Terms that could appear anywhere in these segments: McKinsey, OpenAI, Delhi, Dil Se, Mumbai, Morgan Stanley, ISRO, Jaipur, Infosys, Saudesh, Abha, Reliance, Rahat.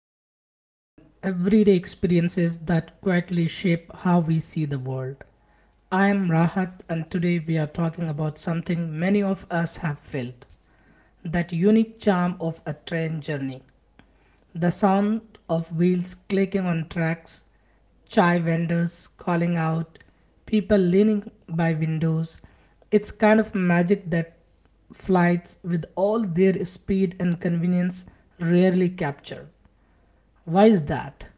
to reflect on everyday experiences that quietly shape how we see the world. I am Rahat, and today we are talking about something many of us have felt, that unique charm of a train journey, the sound of wheels clicking on tracks, chai vendors calling out, people leaning by windows. It's kind of magic that flights, with all their speed and convenience, rarely capture. Why is that?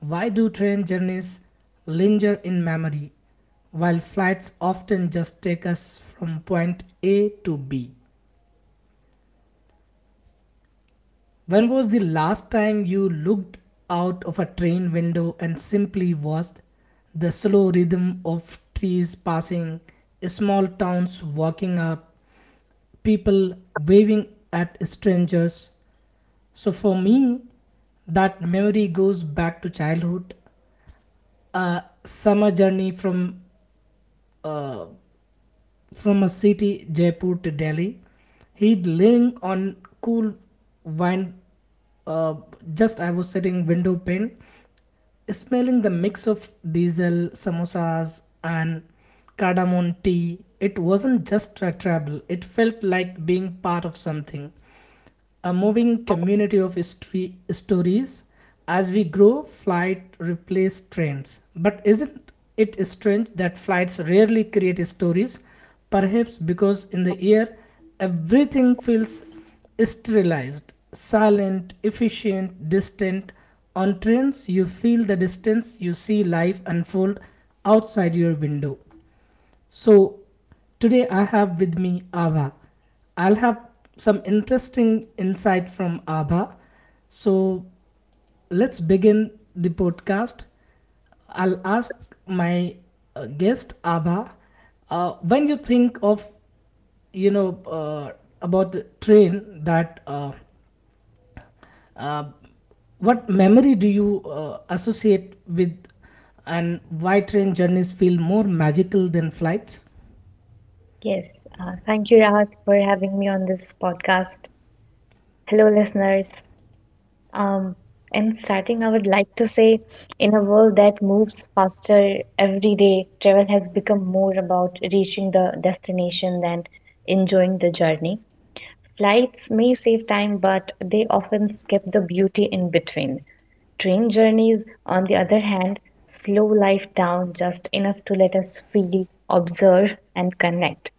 Why do train journeys linger in memory, while flights often just take us from point A to B? When was the last time you looked out of a train window and simply watched the slow rhythm of trees passing, small towns walking up, people waving at strangers? So for me, that memory goes back to childhood, a summer journey from a city Jaipur to Delhi. He'd leaning on cool wine. Uh, just I was sitting window pane, smelling the mix of diesel, samosas, and cardamom tea. It wasn't just a trouble, it felt like being part of something, a moving community of stories. As we grow, flight replaced trains, but isn't it strange that flights rarely create stories? Perhaps because in the air, everything feels sterilized, silent, efficient, distant. On trains, you feel the distance, you see life unfold outside your window. So, today I have with me Abha. I'll have some interesting insight from Abha. So, let's begin the podcast. I'll ask my guest Abha. When you think of, you know uh, about the train, that uh, what memory do you associate with, and why train journeys feel more magical than flights? Yes, thank you, Rahat, for having me on this podcast. Hello, listeners. Um, in starting, I would like to say, in a world that moves faster every day, travel has become more about reaching the destination than enjoying the journey. Flights may save time, but they often skip the beauty in between. Train journeys, on the other hand, slow life down just enough to let us feel, observe, and connect.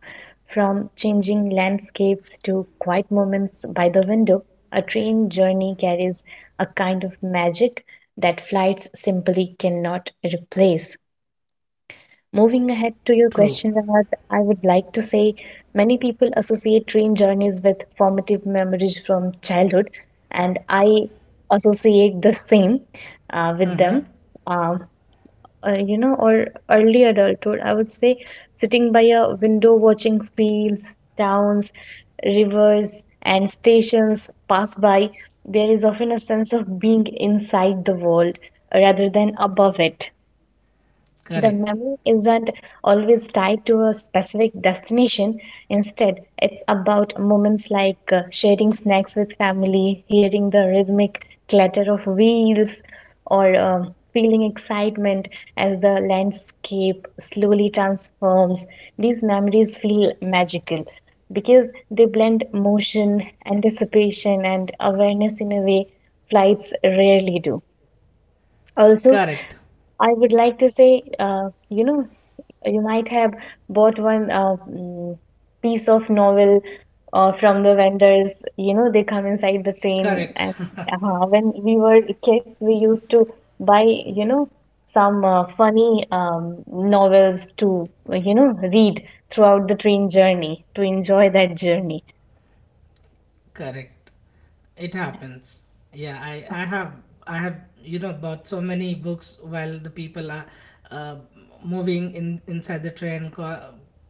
From changing landscapes to quiet moments by the window, a train journey carries a kind of magic that flights simply cannot replace. Moving ahead to your True. question, Rahat, I would like to say many people associate train journeys with formative memories from childhood, and I associate the same with Mm-hmm. them. Um, you know, or early adulthood, I would say sitting by a window watching fields, towns, rivers, and stations pass by, there is often a sense of being inside the world rather than above it. The Correct. memory isn't always tied to a specific destination. Instead, it's about moments like sharing snacks with family, hearing the rhythmic clatter of wheels, or feeling excitement as the landscape slowly transforms. These memories feel magical because they blend motion, anticipation, and awareness in a way flights rarely do. Also, Correct. I would like to say, you might have bought one piece of novel from the vendors. You know, they come inside the train. Correct. And when we were kids, we used to buy, you know, some funny novels to, read throughout the train journey to enjoy that journey. Correct. It happens. Yeah, I have, bought so many books while the people are uh, moving in inside the train,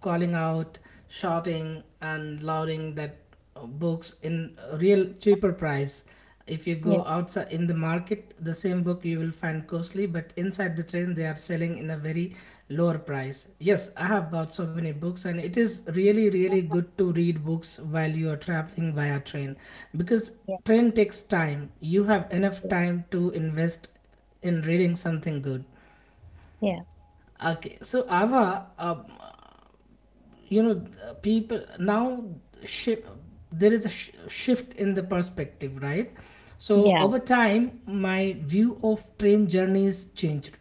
calling out, shouting and lauding that books in a real cheaper price. If you Yeah, go outside in the market, the same book you will find costly, but inside the train they are selling in a very lower price. Yes, I have bought so many books, and it is really really good to read books while you are traveling via train, because yeah, train takes time. You have enough yeah, time to invest in reading something good. yeah. Okay, so Ava, you know people now, shi- there is a shift in the perspective, right? So Yeah. over time my view of train journeys changed.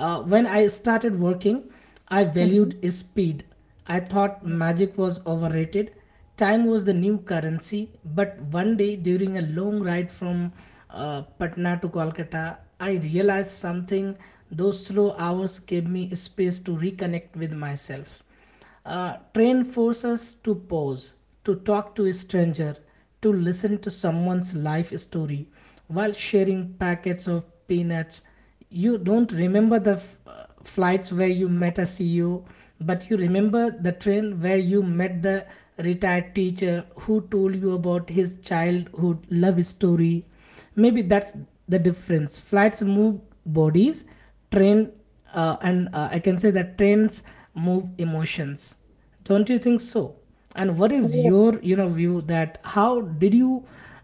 When I started working, I Mhm. valued speed. I thought magic was overrated. Time was the new currency, but one day during a long ride from Patna to Kolkata, I realized something. Those slow hours gave me space to reconnect with myself. Train forces to pause, to talk to a stranger, to listen to someone's life story while sharing packets of peanuts. You don't remember the flights where you met a CEO, but you remember the train where you met the retired teacher who told you about his childhood love story. Maybe that's the difference. Flights move bodies. Train, and I can say that trains move emotions. Don't you think so? And what is Ye- your, view, that how did you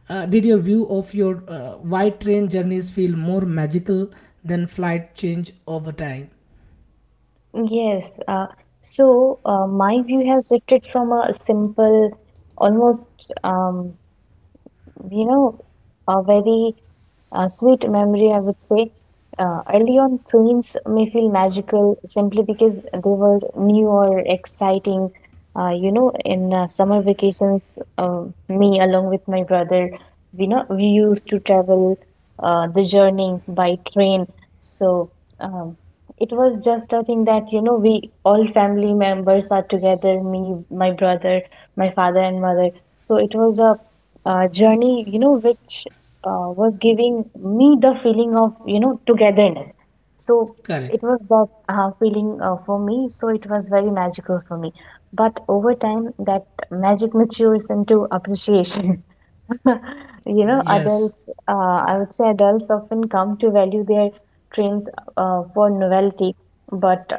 did your view of your, why train journeys feel more magical than flight, change over time? Yes. So my view has shifted from a simple, almost um, you know, a very sweet memory, I would say. Early on, trains may feel magical simply because they were new or exciting. In summer vacations, me along with my brother, we know we used to travel the journey by train. So um, it was just a thing that you know we all family members are together. Me, my brother, my father and mother. So it was a journey, you know, which was giving me the feeling of, you know, togetherness. So Correct. it was that feeling for me. So it was very magical for me. But over time, that magic matures into appreciation. You know, Yes. adults, I would say adults often come to value their trains for novelty, but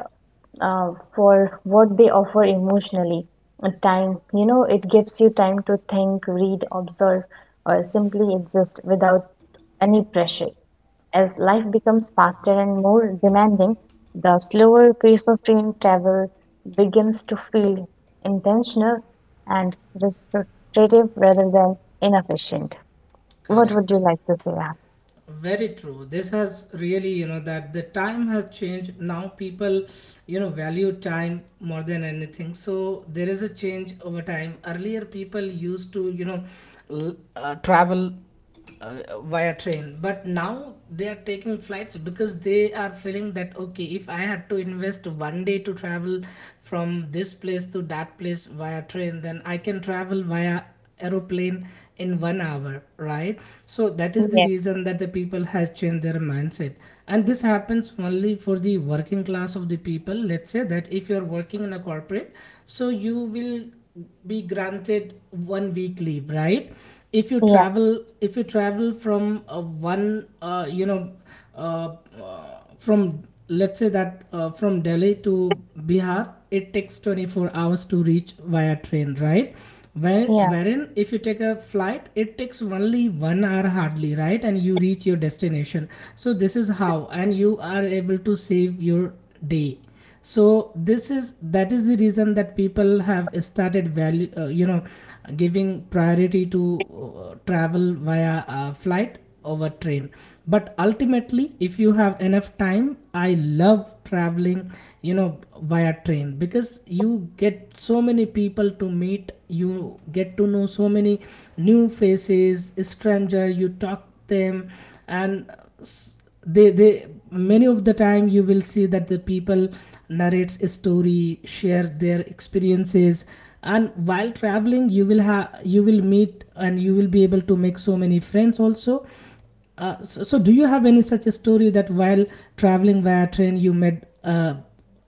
for what they offer emotionally. Time, you know, it gives you time to think, read, observe, or simply exist without any pressure. As life becomes faster and more demanding, the slower pace of train travel begins to feel intentional and restorative rather than inefficient. What would you Correct. like to say? Ab? Very true. This has really, that the time has changed. Now people value time more than anything. So there is a change over time. Earlier people used to, travel via train, but now they are taking flights because they are feeling that okay, if I had to invest one day to travel from this place to that place via train, then I can travel via aeroplane in one hour, right? So that is the Yes. reason that the people has changed their mindset. And this happens only for the working class of the people. Let's say that if you are working in a corporate, so you will be granted one week leave, right? if you Yeah. travel if you travel from one you know from let's say that, from Delhi to Bihar, it takes 24 hours to reach via train, right? Yeah. Wherein if you take a flight, it takes only one hour hardly, right? And you reach your destination. So this is how, and you are able to save your day. So this is that is the reason that people have started value, giving priority to travel via flight over train, but ultimately if you have enough time, I love traveling, via train, because you get so many people to meet, you get to know so many new faces, stranger, you talk them. And s- they, many of the time you will see that the people narrates a story, share their experiences. And while traveling, you will meet, and you will be able to make so many friends also. So, do you have any such a story that while traveling via train you met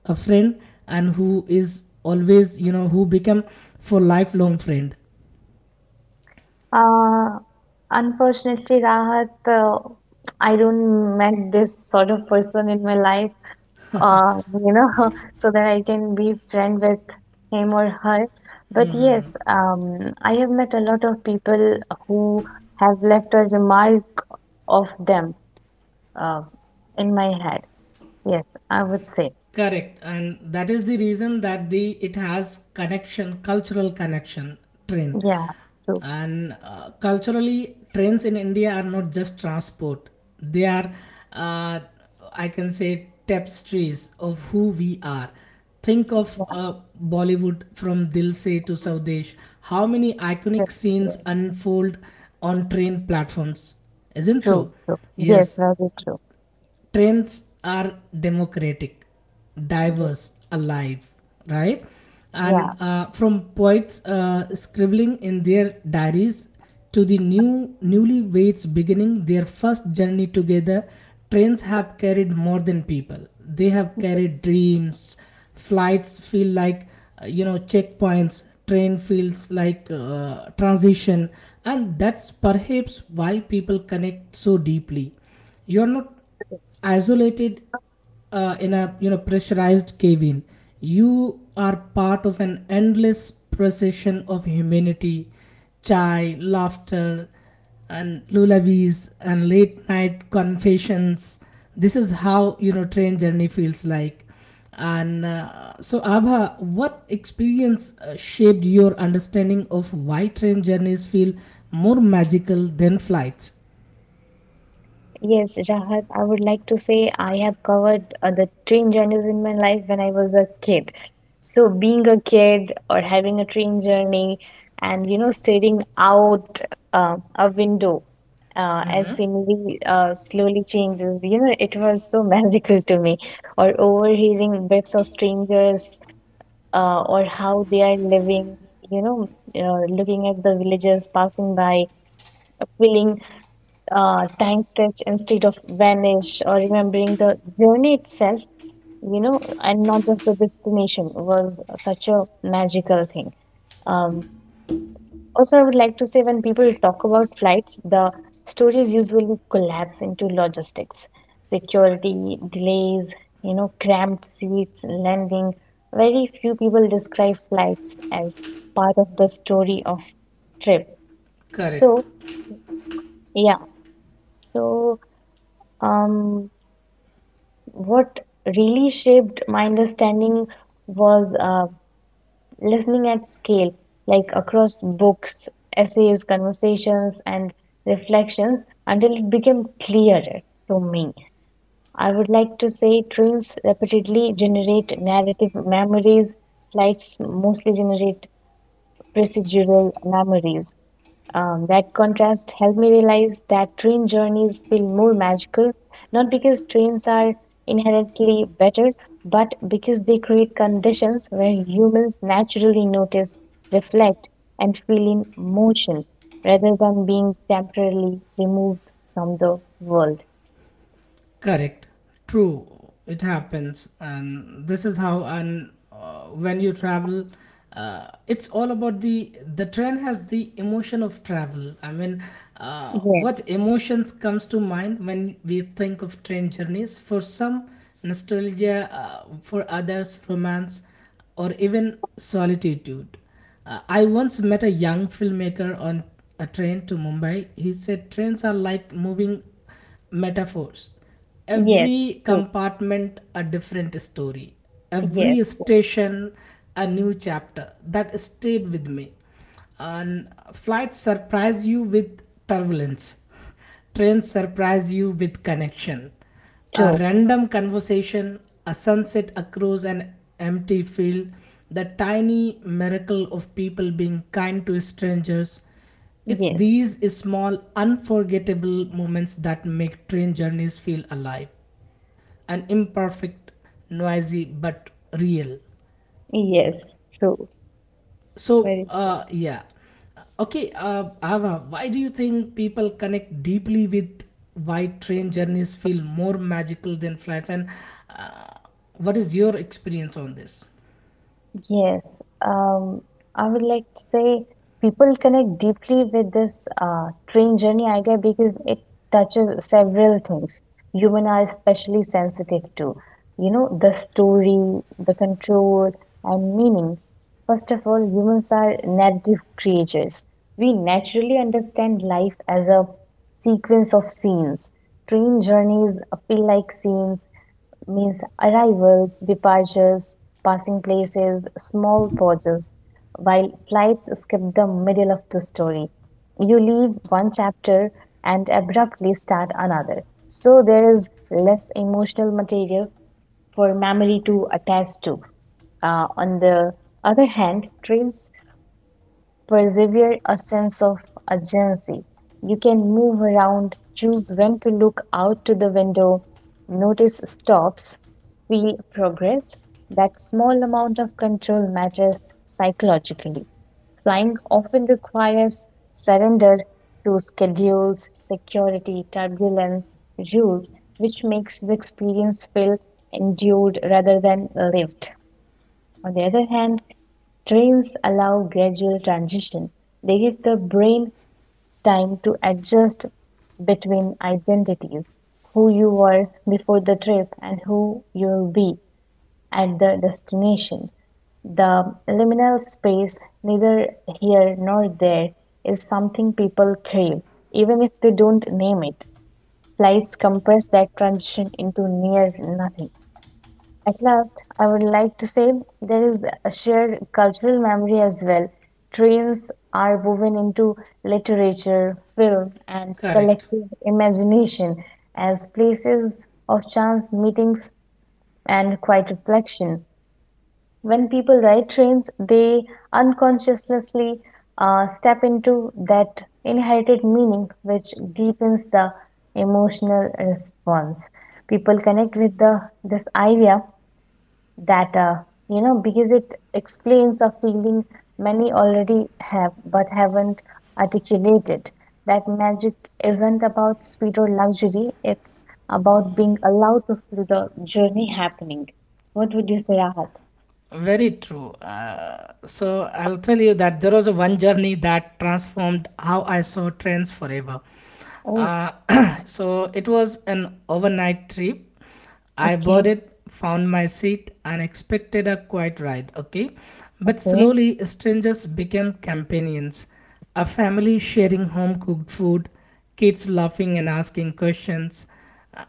a friend, and who is always, who become for lifelong friend? Uh, Unfortunately, Rahat, I don't met this sort of person in my life, you know, so that I can be friend with him or her. But yes, I have met a lot of people who have left a remark of them uh, in my head. Yes, I would say. Correct, and that is the reason that the it has connection, cultural connection, train, Yeah, true. and culturally trains in India are not just transport; they are, uh, I can say, tapestries of who we are. Think of Yeah, Bollywood, from Dil Se to Saudesh. How many yes, iconic scenes yeah, unfold on train platforms? Isn't true, so? true. Yes, Yes, very true. trends are democratic, Yeah, diverse, alive, right? yeah, And from poets scribbling in their diaries to the newlyweds beginning their first journey together, trains have carried more than people. They have carried yes, dreams. Flights feel like, checkpoints. Train feels like transition, and that's perhaps why people connect so deeply. You're not yes. isolated in a, pressurized cave-in. You are part of an endless procession of humanity, chai, laughter and lullabies and late night confessions. This is how, train journey feels like. And so Abha, what experience shaped your understanding of why train journeys feel more magical than flights? Yes, Rahat, I would like to say I have covered the train journeys in my life when I was a kid. So being a kid or having a train journey and you know staring out a window as scenery slowly changes, you know, it was so magical to me. Or overhearing bits of strangers or how they are living, you know, looking at the villagers passing by, feeling time stretch instead of vanish or remembering the journey itself, you know, and not just the destination was such a magical thing. Um, Also, I would like to say when people talk about flights, the stories usually collapse into logistics, security, delays, you know, cramped seats, landing. Very few people describe flights as part of the story of trip. Correct. So, yeah, so um what really shaped my understanding was listening at scale, like across books, essays, conversations, and reflections until it became clearer to me. I would like to say trains repeatedly generate narrative memories, flights mostly generate procedural memories. That contrast helped me realize that train journeys feel more magical, not because trains are inherently better, but because they create conditions where humans naturally notice, reflect, and feel in motion rather than being temporarily removed from the world. Correct. True. It happens, and this is how. And when you travel, it's all about the train has the emotion of travel. I mean, uh, what Yes, emotions comes to mind when we think of train journeys? For some, nostalgia. For others, romance, or even solitude. I once met a young filmmaker on a train to Mumbai. He said trains are like moving metaphors, yes, every true. compartment a different story, every Yes, station a new chapter. That stayed with me. And flights surprise you with turbulence, trains surprise you with connection, a true. random conversation, a sunset across an empty field, the tiny miracle of people being kind to strangers. It's Yes, these small, unforgettable moments that make train journeys feel alive and imperfect, noisy, but real. yes, true. So, Very true. Yeah. Okay, Ava, why do you think people connect deeply with why train journeys feel more magical than flights? And uh, what is your experience on this? Yes, I would like to say people connect deeply with this train journey idea because it touches several things. Human are especially sensitive to, you know, the story, the control, and meaning. First of all, humans are narrative creatures. We naturally understand life as a sequence of scenes. Train journeys feel like scenes means arrivals, departures, passing places, small pauses, while flights skip the middle of the story. You leave one chapter and abruptly start another. So there is less emotional material for memory to attach to. On the other hand, trains persevere a sense of agency. You can move around, choose when to look out to the window, notice stops, feel progress. That small amount of control matters psychologically. Flying often requires surrender to schedules, security, turbulence, rules, which makes the experience feel endured rather than lived. On the other hand, trains allow gradual transition. They give the brain time to adjust between identities, who you were before the trip and who you'll be at the destination. The liminal space, neither here nor there, is something people crave, even if they don't name it. Flights compress that transition into near nothing. At last, I would like to say there is a shared cultural memory as well. Trains are woven into literature, film, and Correct. collective imagination as places of chance meetings and quiet reflection. When people ride trains, they unconsciously step into that inherited meaning which deepens the emotional response. People connect with this idea that you know because it explains a feeling many already have but haven't articulated, that magic isn't about speed or luxury, it's about being allowed to feel the journey happening. What would you say, Rahat? Very true. So I'll tell you that there was a one journey that transformed how I saw trains forever. Oh, Uh, so it was an overnight trip. I okay, boarded, found my seat, and expected a quiet ride. Okay, but okay. slowly strangers became companions. A family sharing home cooked food, kids laughing and asking questions,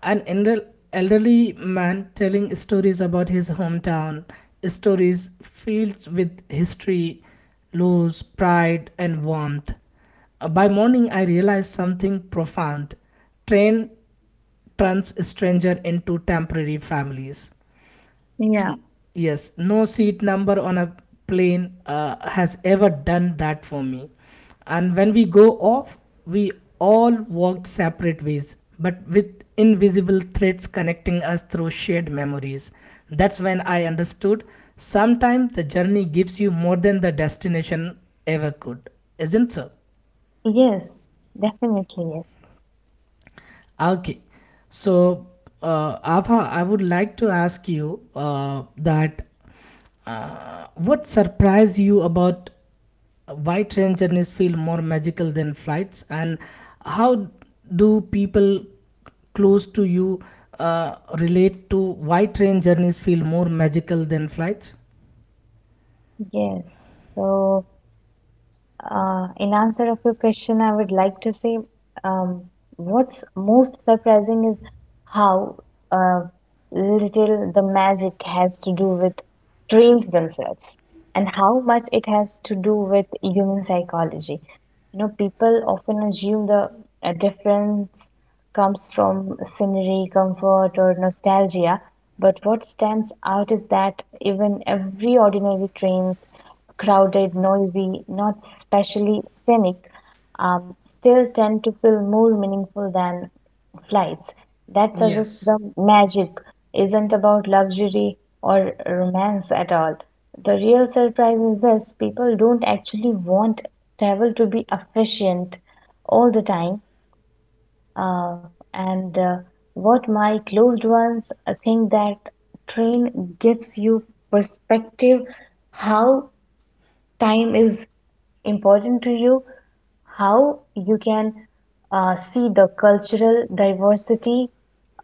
an elderly man telling stories about his hometown, stories filled with history, loss, pride, and warmth. By morning, I realized something profound. Train turns stranger into temporary families. Yeah. Yes, no seat number on a plane has ever done that for me. And when we go off, we all walked separate ways, but with invisible threads connecting us through shared memories. That's when I understood, sometimes the journey gives you more than the destination ever could, isn't so? Yes, definitely yes. Okay. So, Abha, I would like to ask you that what surprised you about why train journeys feel more magical than flights, and how do people close to you relate to why train journeys feel more magical than flights? Yes, so in answer of your question, I would like to say um, what's most surprising is how uh, little the magic has to do with trails themselves and how much it has to do with human psychology. You know, people often assume the difference comes from scenery, comfort, or nostalgia. But what stands out is that even every ordinary trains crowded, noisy, not specially scenic, still tend to feel more meaningful than flights. That suggests Yes, the magic isn't about luxury or romance at all. The real surprise is this people don't actually want travel to be efficient all the time, uh, and what my closed ones think that train gives you perspective, how time is important to you, how you can see the cultural diversity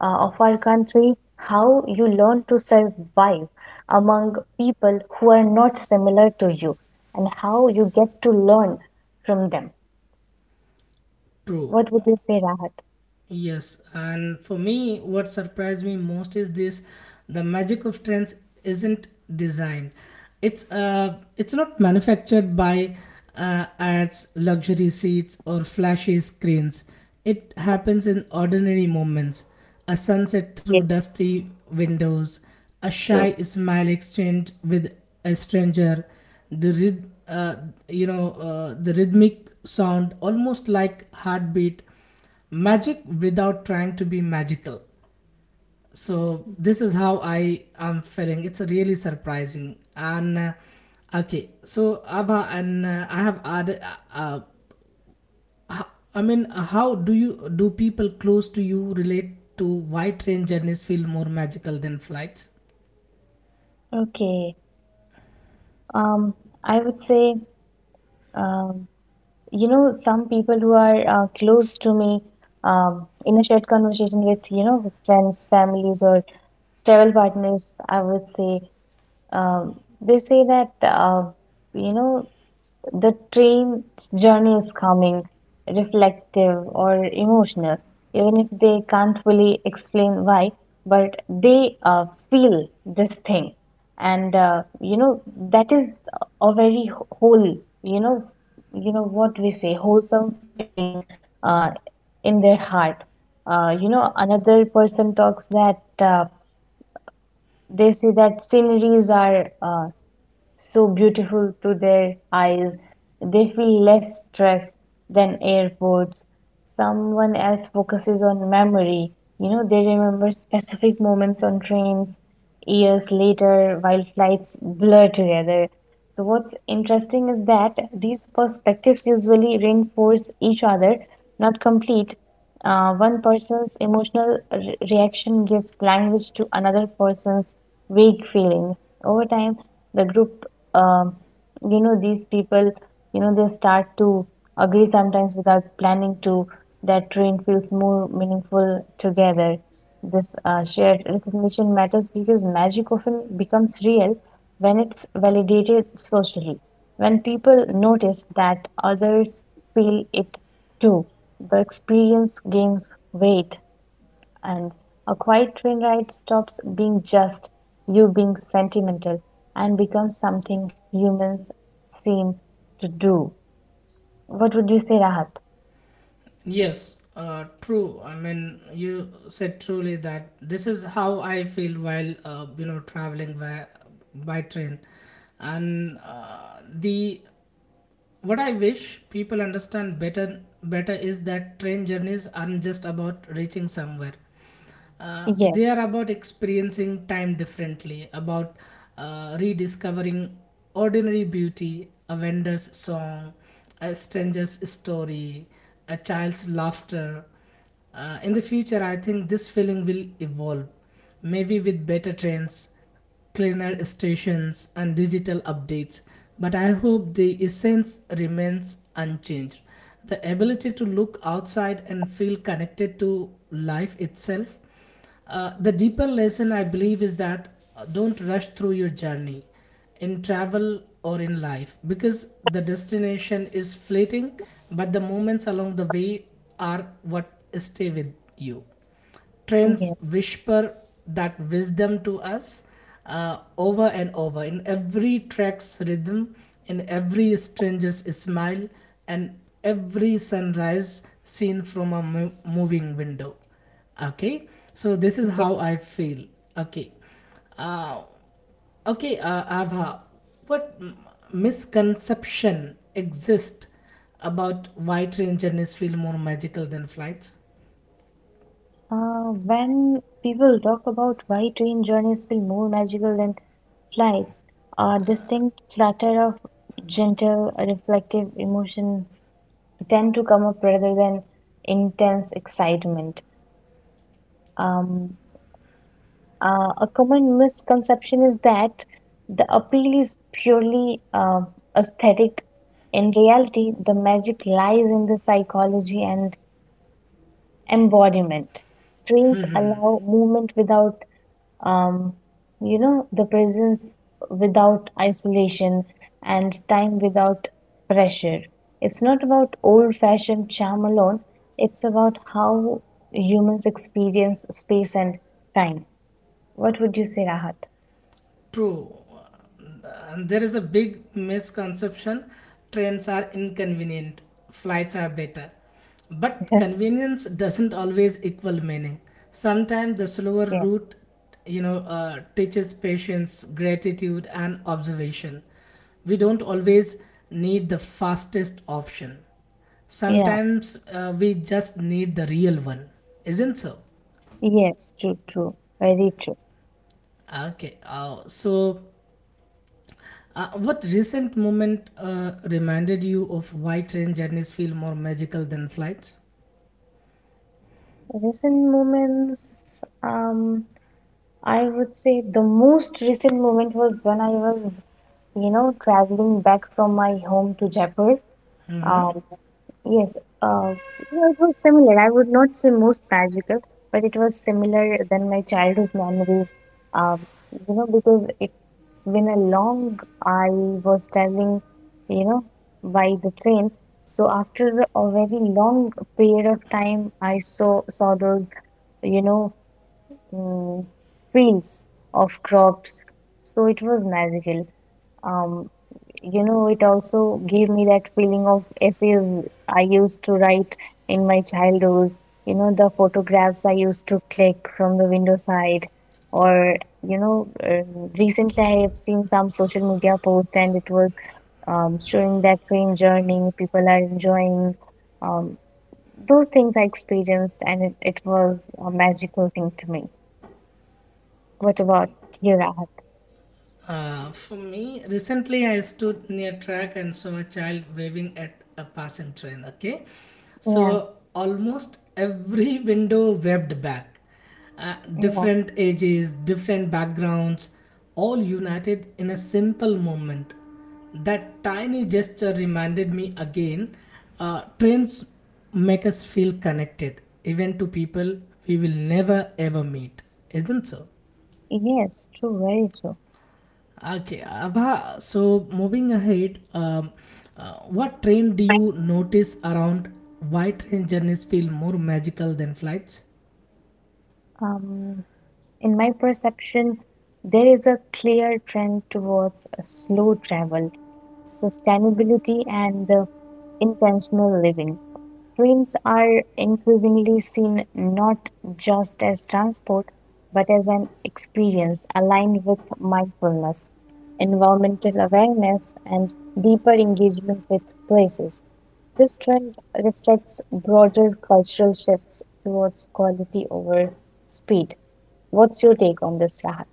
of our country, how you learn to survive among people who are not similar to you, and how you get to learn from them. true. What would you say, Rahat? Yes, and for me, what surprised me most is this: the magic of trends isn't designed. It's not manufactured by ads, luxury seats, or flashy screens. It happens in ordinary moments: a sunset through Yes, dusty windows, a true. shy smile exchange with a stranger, the rhythmic sound, almost like heartbeat magic without trying to be magical. So this is how I am feeling. It's really surprising. And okay, so Abha, and I have added uh, uh, I mean how do you do people close to you relate to why train journeys feel more magical than flights? Okay. Um, I would say, um, you know, some people who are close to me in a shared conversation with, you know, with friends, families, or travel partners, I would say, um, they say that, you know, the train's journey is calming, reflective, or emotional, even if they can't fully explain why, but they feel this thing. And, you know, that is a very whole, you know, you know what we say, wholesome feeling uh, in their heart. You know, another person talks that uh, they say that sceneries are so beautiful to their eyes. They feel less stressed than airports. Someone else focuses on memory. You know, they remember specific moments on trains years later while flights blur together. So, what's interesting is that these perspectives usually reinforce each other, not complete. One person's emotional reaction gives language to another person's vague feeling. Over time, the group, um, you know, these people, you know, they start to agree, sometimes without planning to, that train feels more meaningful together. This shared recognition matters because magic often becomes real when it's validated socially. When people notice that others feel it too, the experience gains weight, and a quiet train ride stops being just you being sentimental and becomes something humans seem to do. What would you say, Rahat? Yes, true. I mean, you said truly that this is how I feel while you know traveling by train, and the what I wish people understand better is that train journeys aren't just about reaching somewhere. They are Yes, about experiencing time differently, about rediscovering ordinary beauty: a vendor's song, a stranger's story, a child's laughter. In the future I think this feeling will evolve, maybe with better trains, cleaner stations, and digital updates, but I hope the essence remains unchanged. The ability to look outside and feel connected to life itself. The deeper lesson I believe is that don't rush through your journey, in travel or in life, because the destination is fleeting, but the moments along the way are what stay with you. Trends yes, whisper that wisdom to us over and over, in every track's rhythm, in every stranger's smile, and every sunrise seen from a moving window. Okay, so this is yes. how I feel. Okay, uh, okay, Abha, what misconception exists about why train journeys feel more magical than flights? When people talk about why train journeys feel more magical than flights, a distinct clutter of gentle, reflective emotions tend to come up rather than intense excitement. Um, a common misconception is that the appeal is purely aesthetic. In reality, the magic lies in the psychology and embodiment. Trains allow movement without, um, you know, the presence without isolation and time without pressure. It's not about old fashioned charm alone, it's about how humans experience space and time. What would you say, Rahat? True. There is a big misconception. Trains are inconvenient, flights are better. But convenience doesn't always equal meaning. Sometimes the slower Yeah, route, you know, teaches patience, gratitude, and observation. We don't always need the fastest option. yeah, Sometimes we just need the real one, isn't so? yes, true, true, very true. Okay. What recent moment reminded you of why train journeys feel more magical than flights? Recent moments, I would say the most recent moment was when I was traveling back from my home to Jaipur. Mm-hmm. Um, Yes, uh, well, it was similar. I would not say most magical, but it was similar than my childhood memories. Because it's been a long, I was traveling, you know, by the train. So after a very long period of time, I saw those, you know, um, fields of crops. So it was magical. Um, you know, it also gave me that feeling of essays I used to write in my childhood, you know, the photographs I used to click from the window side, or you know uh, recently I have seen some social media post and it was showing that train journey people are enjoying, um, those things I experienced and it was a magical thing to me. What about you, Rahat? For me, recently I stood near track and saw a child waving at a passing train. Okay, Yeah, so almost every window waved back. Yeah, Different ages, different backgrounds, all united in a simple moment. That tiny gesture reminded me again, trains make us feel connected, even to people we will never ever meet. Isn't so? yes, true, very true. Okay, Abha, so moving ahead, what trend do you notice around why train journeys feel more magical than flights? um In my perception, there is a clear trend towards a slow travel, sustainability, and intentional living. Trains are increasingly seen not just as transport, but as an experience aligned with mindfulness, environmental awareness, and deeper engagement with places. This trend reflects broader cultural shifts towards quality over speed. What's your take on this, Rahat?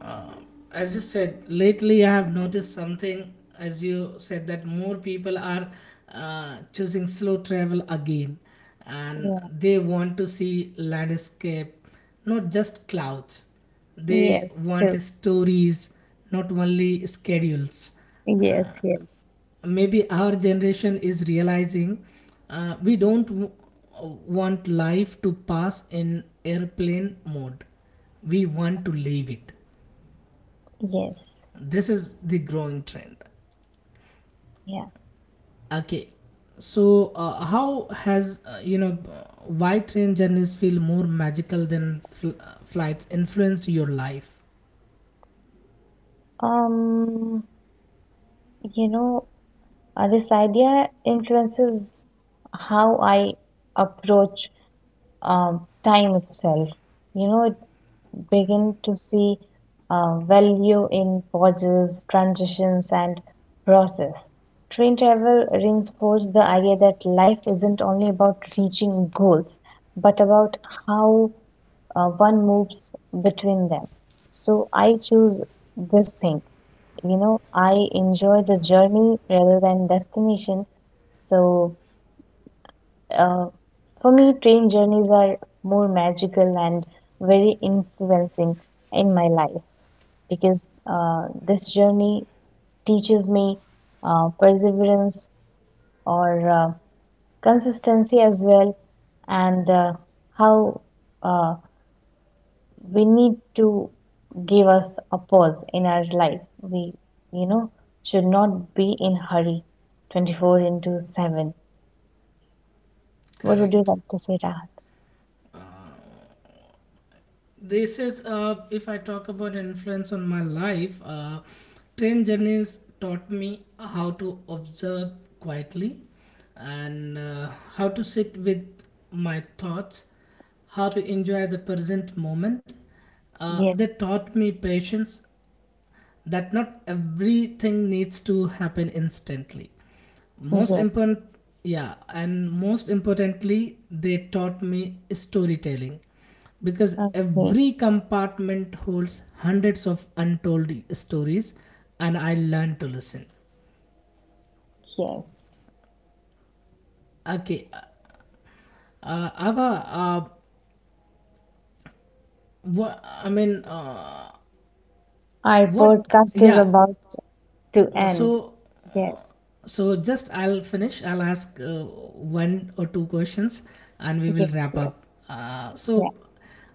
uh, as you said, lately I have noticed something, as you said, that more people are choosing slow travel again, and Yeah. they want to see landscape, not just clouds. They Yes. want True. stories, not only schedules. uh, Yes. Yes. maybe our generation is realizing we don't w- uh, want life to pass in airplane mode. We want to live it. Yes, This is the growing trend. yeah. Okay, so how has you know why train journeys feel more magical than flights influenced your life? Um, you know, this idea influences how I approach time itself. You know, it begin to see value in pauses, transitions, and process. Train travel reinforced the idea that life isn't only about reaching goals, but about how one moves between them. So I choose this thing. You know, I enjoy the journey rather than destination. So uh, for me, train journeys are more magical and very influencing in my life, because this journey teaches me perseverance or consistency as well, and how uh, we need to give us a pause in our life. We, you know, should not be in hurry 24 into 7. What would you Correct. like to say, Rahat? uh, this is, if I talk about influence on my life, train journeys taught me how to observe quietly, and how to sit with my thoughts, how to enjoy the present moment. uh, Yes, they taught me patience, that not everything needs to happen instantly. yes, Most yes, important, yes. yeah, and most importantly, they taught me storytelling, because Okay, every compartment holds hundreds of untold stories, and I learned to listen. yes, Okay. Abha, what I mean our what podcast is yeah about to end. so Yes, So just I'll finish. I'll ask one or two questions, and we will yes, wrap yes. up.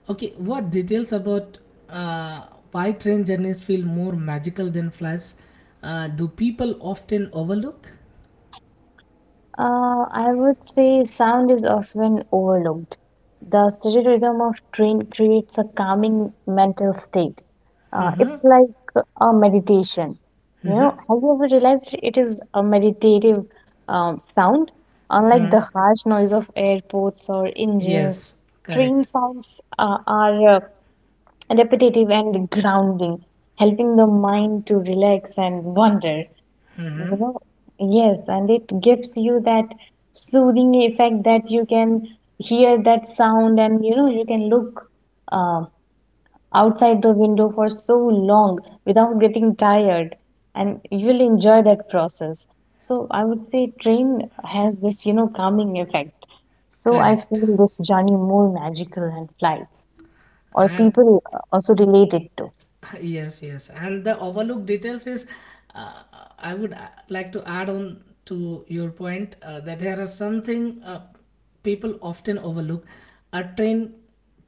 Okay, what details about uh, why train journeys feel more magical than flights do people often overlook? I would say sound is often overlooked. The steady rhythm of train creates a calming mental state. Mm-hmm. It's like a meditation. You know, Mm-hmm. have you ever realized it is a meditative sound? Unlike the Mm-hmm. harsh noise of airports or engines, Yes, train correct. sounds are repetitive and grounding, helping the mind to relax and wander. Mm-hmm. You know, yes, and it gives you that soothing effect, that you can hear that sound and you know you can look uh, outside the window for so long without getting tired and you will enjoy that process. So I would say train has this, you know, calming effect. So I Correct. feel this journey more magical than flights, or And people also relate it to. yes, yes, and the overlooked details is, uh, I would like to add on to your point that there are something people often overlook. A train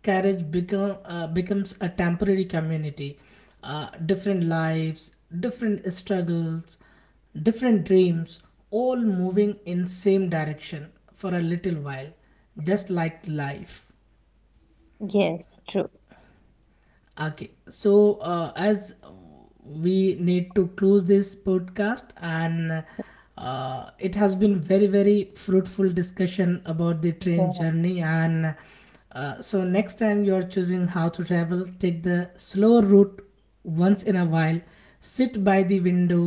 carriage becomes a temporary community: different lives, different struggles, different dreams, all moving in same direction for a little while, just like life. Yes, true. Okay, so as we need to close this podcast, and it has been very very fruitful discussion about the train Yeah. journey. And so next time you are choosing how to travel, take the slow route once in a while. Sit by the window,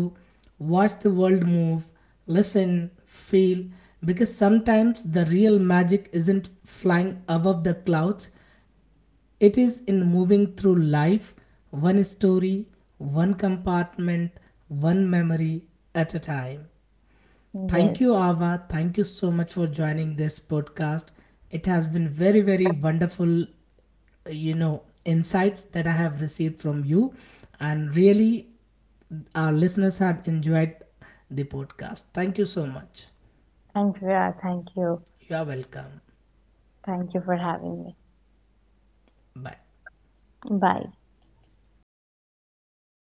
watch the world move, listen, feel. Because sometimes the real magic isn't flying above the clouds, it is in moving through life, one story, one compartment, one memory at a time. Thank Yes. you, Ava. Thank you so much for joining this podcast. It has been very, very wonderful, you know, insights that I have received from you. And really, our listeners have enjoyed the podcast. Thank you so much. Thank you. Yeah, thank you. You are welcome. Thank you for having me. Bye. Bye.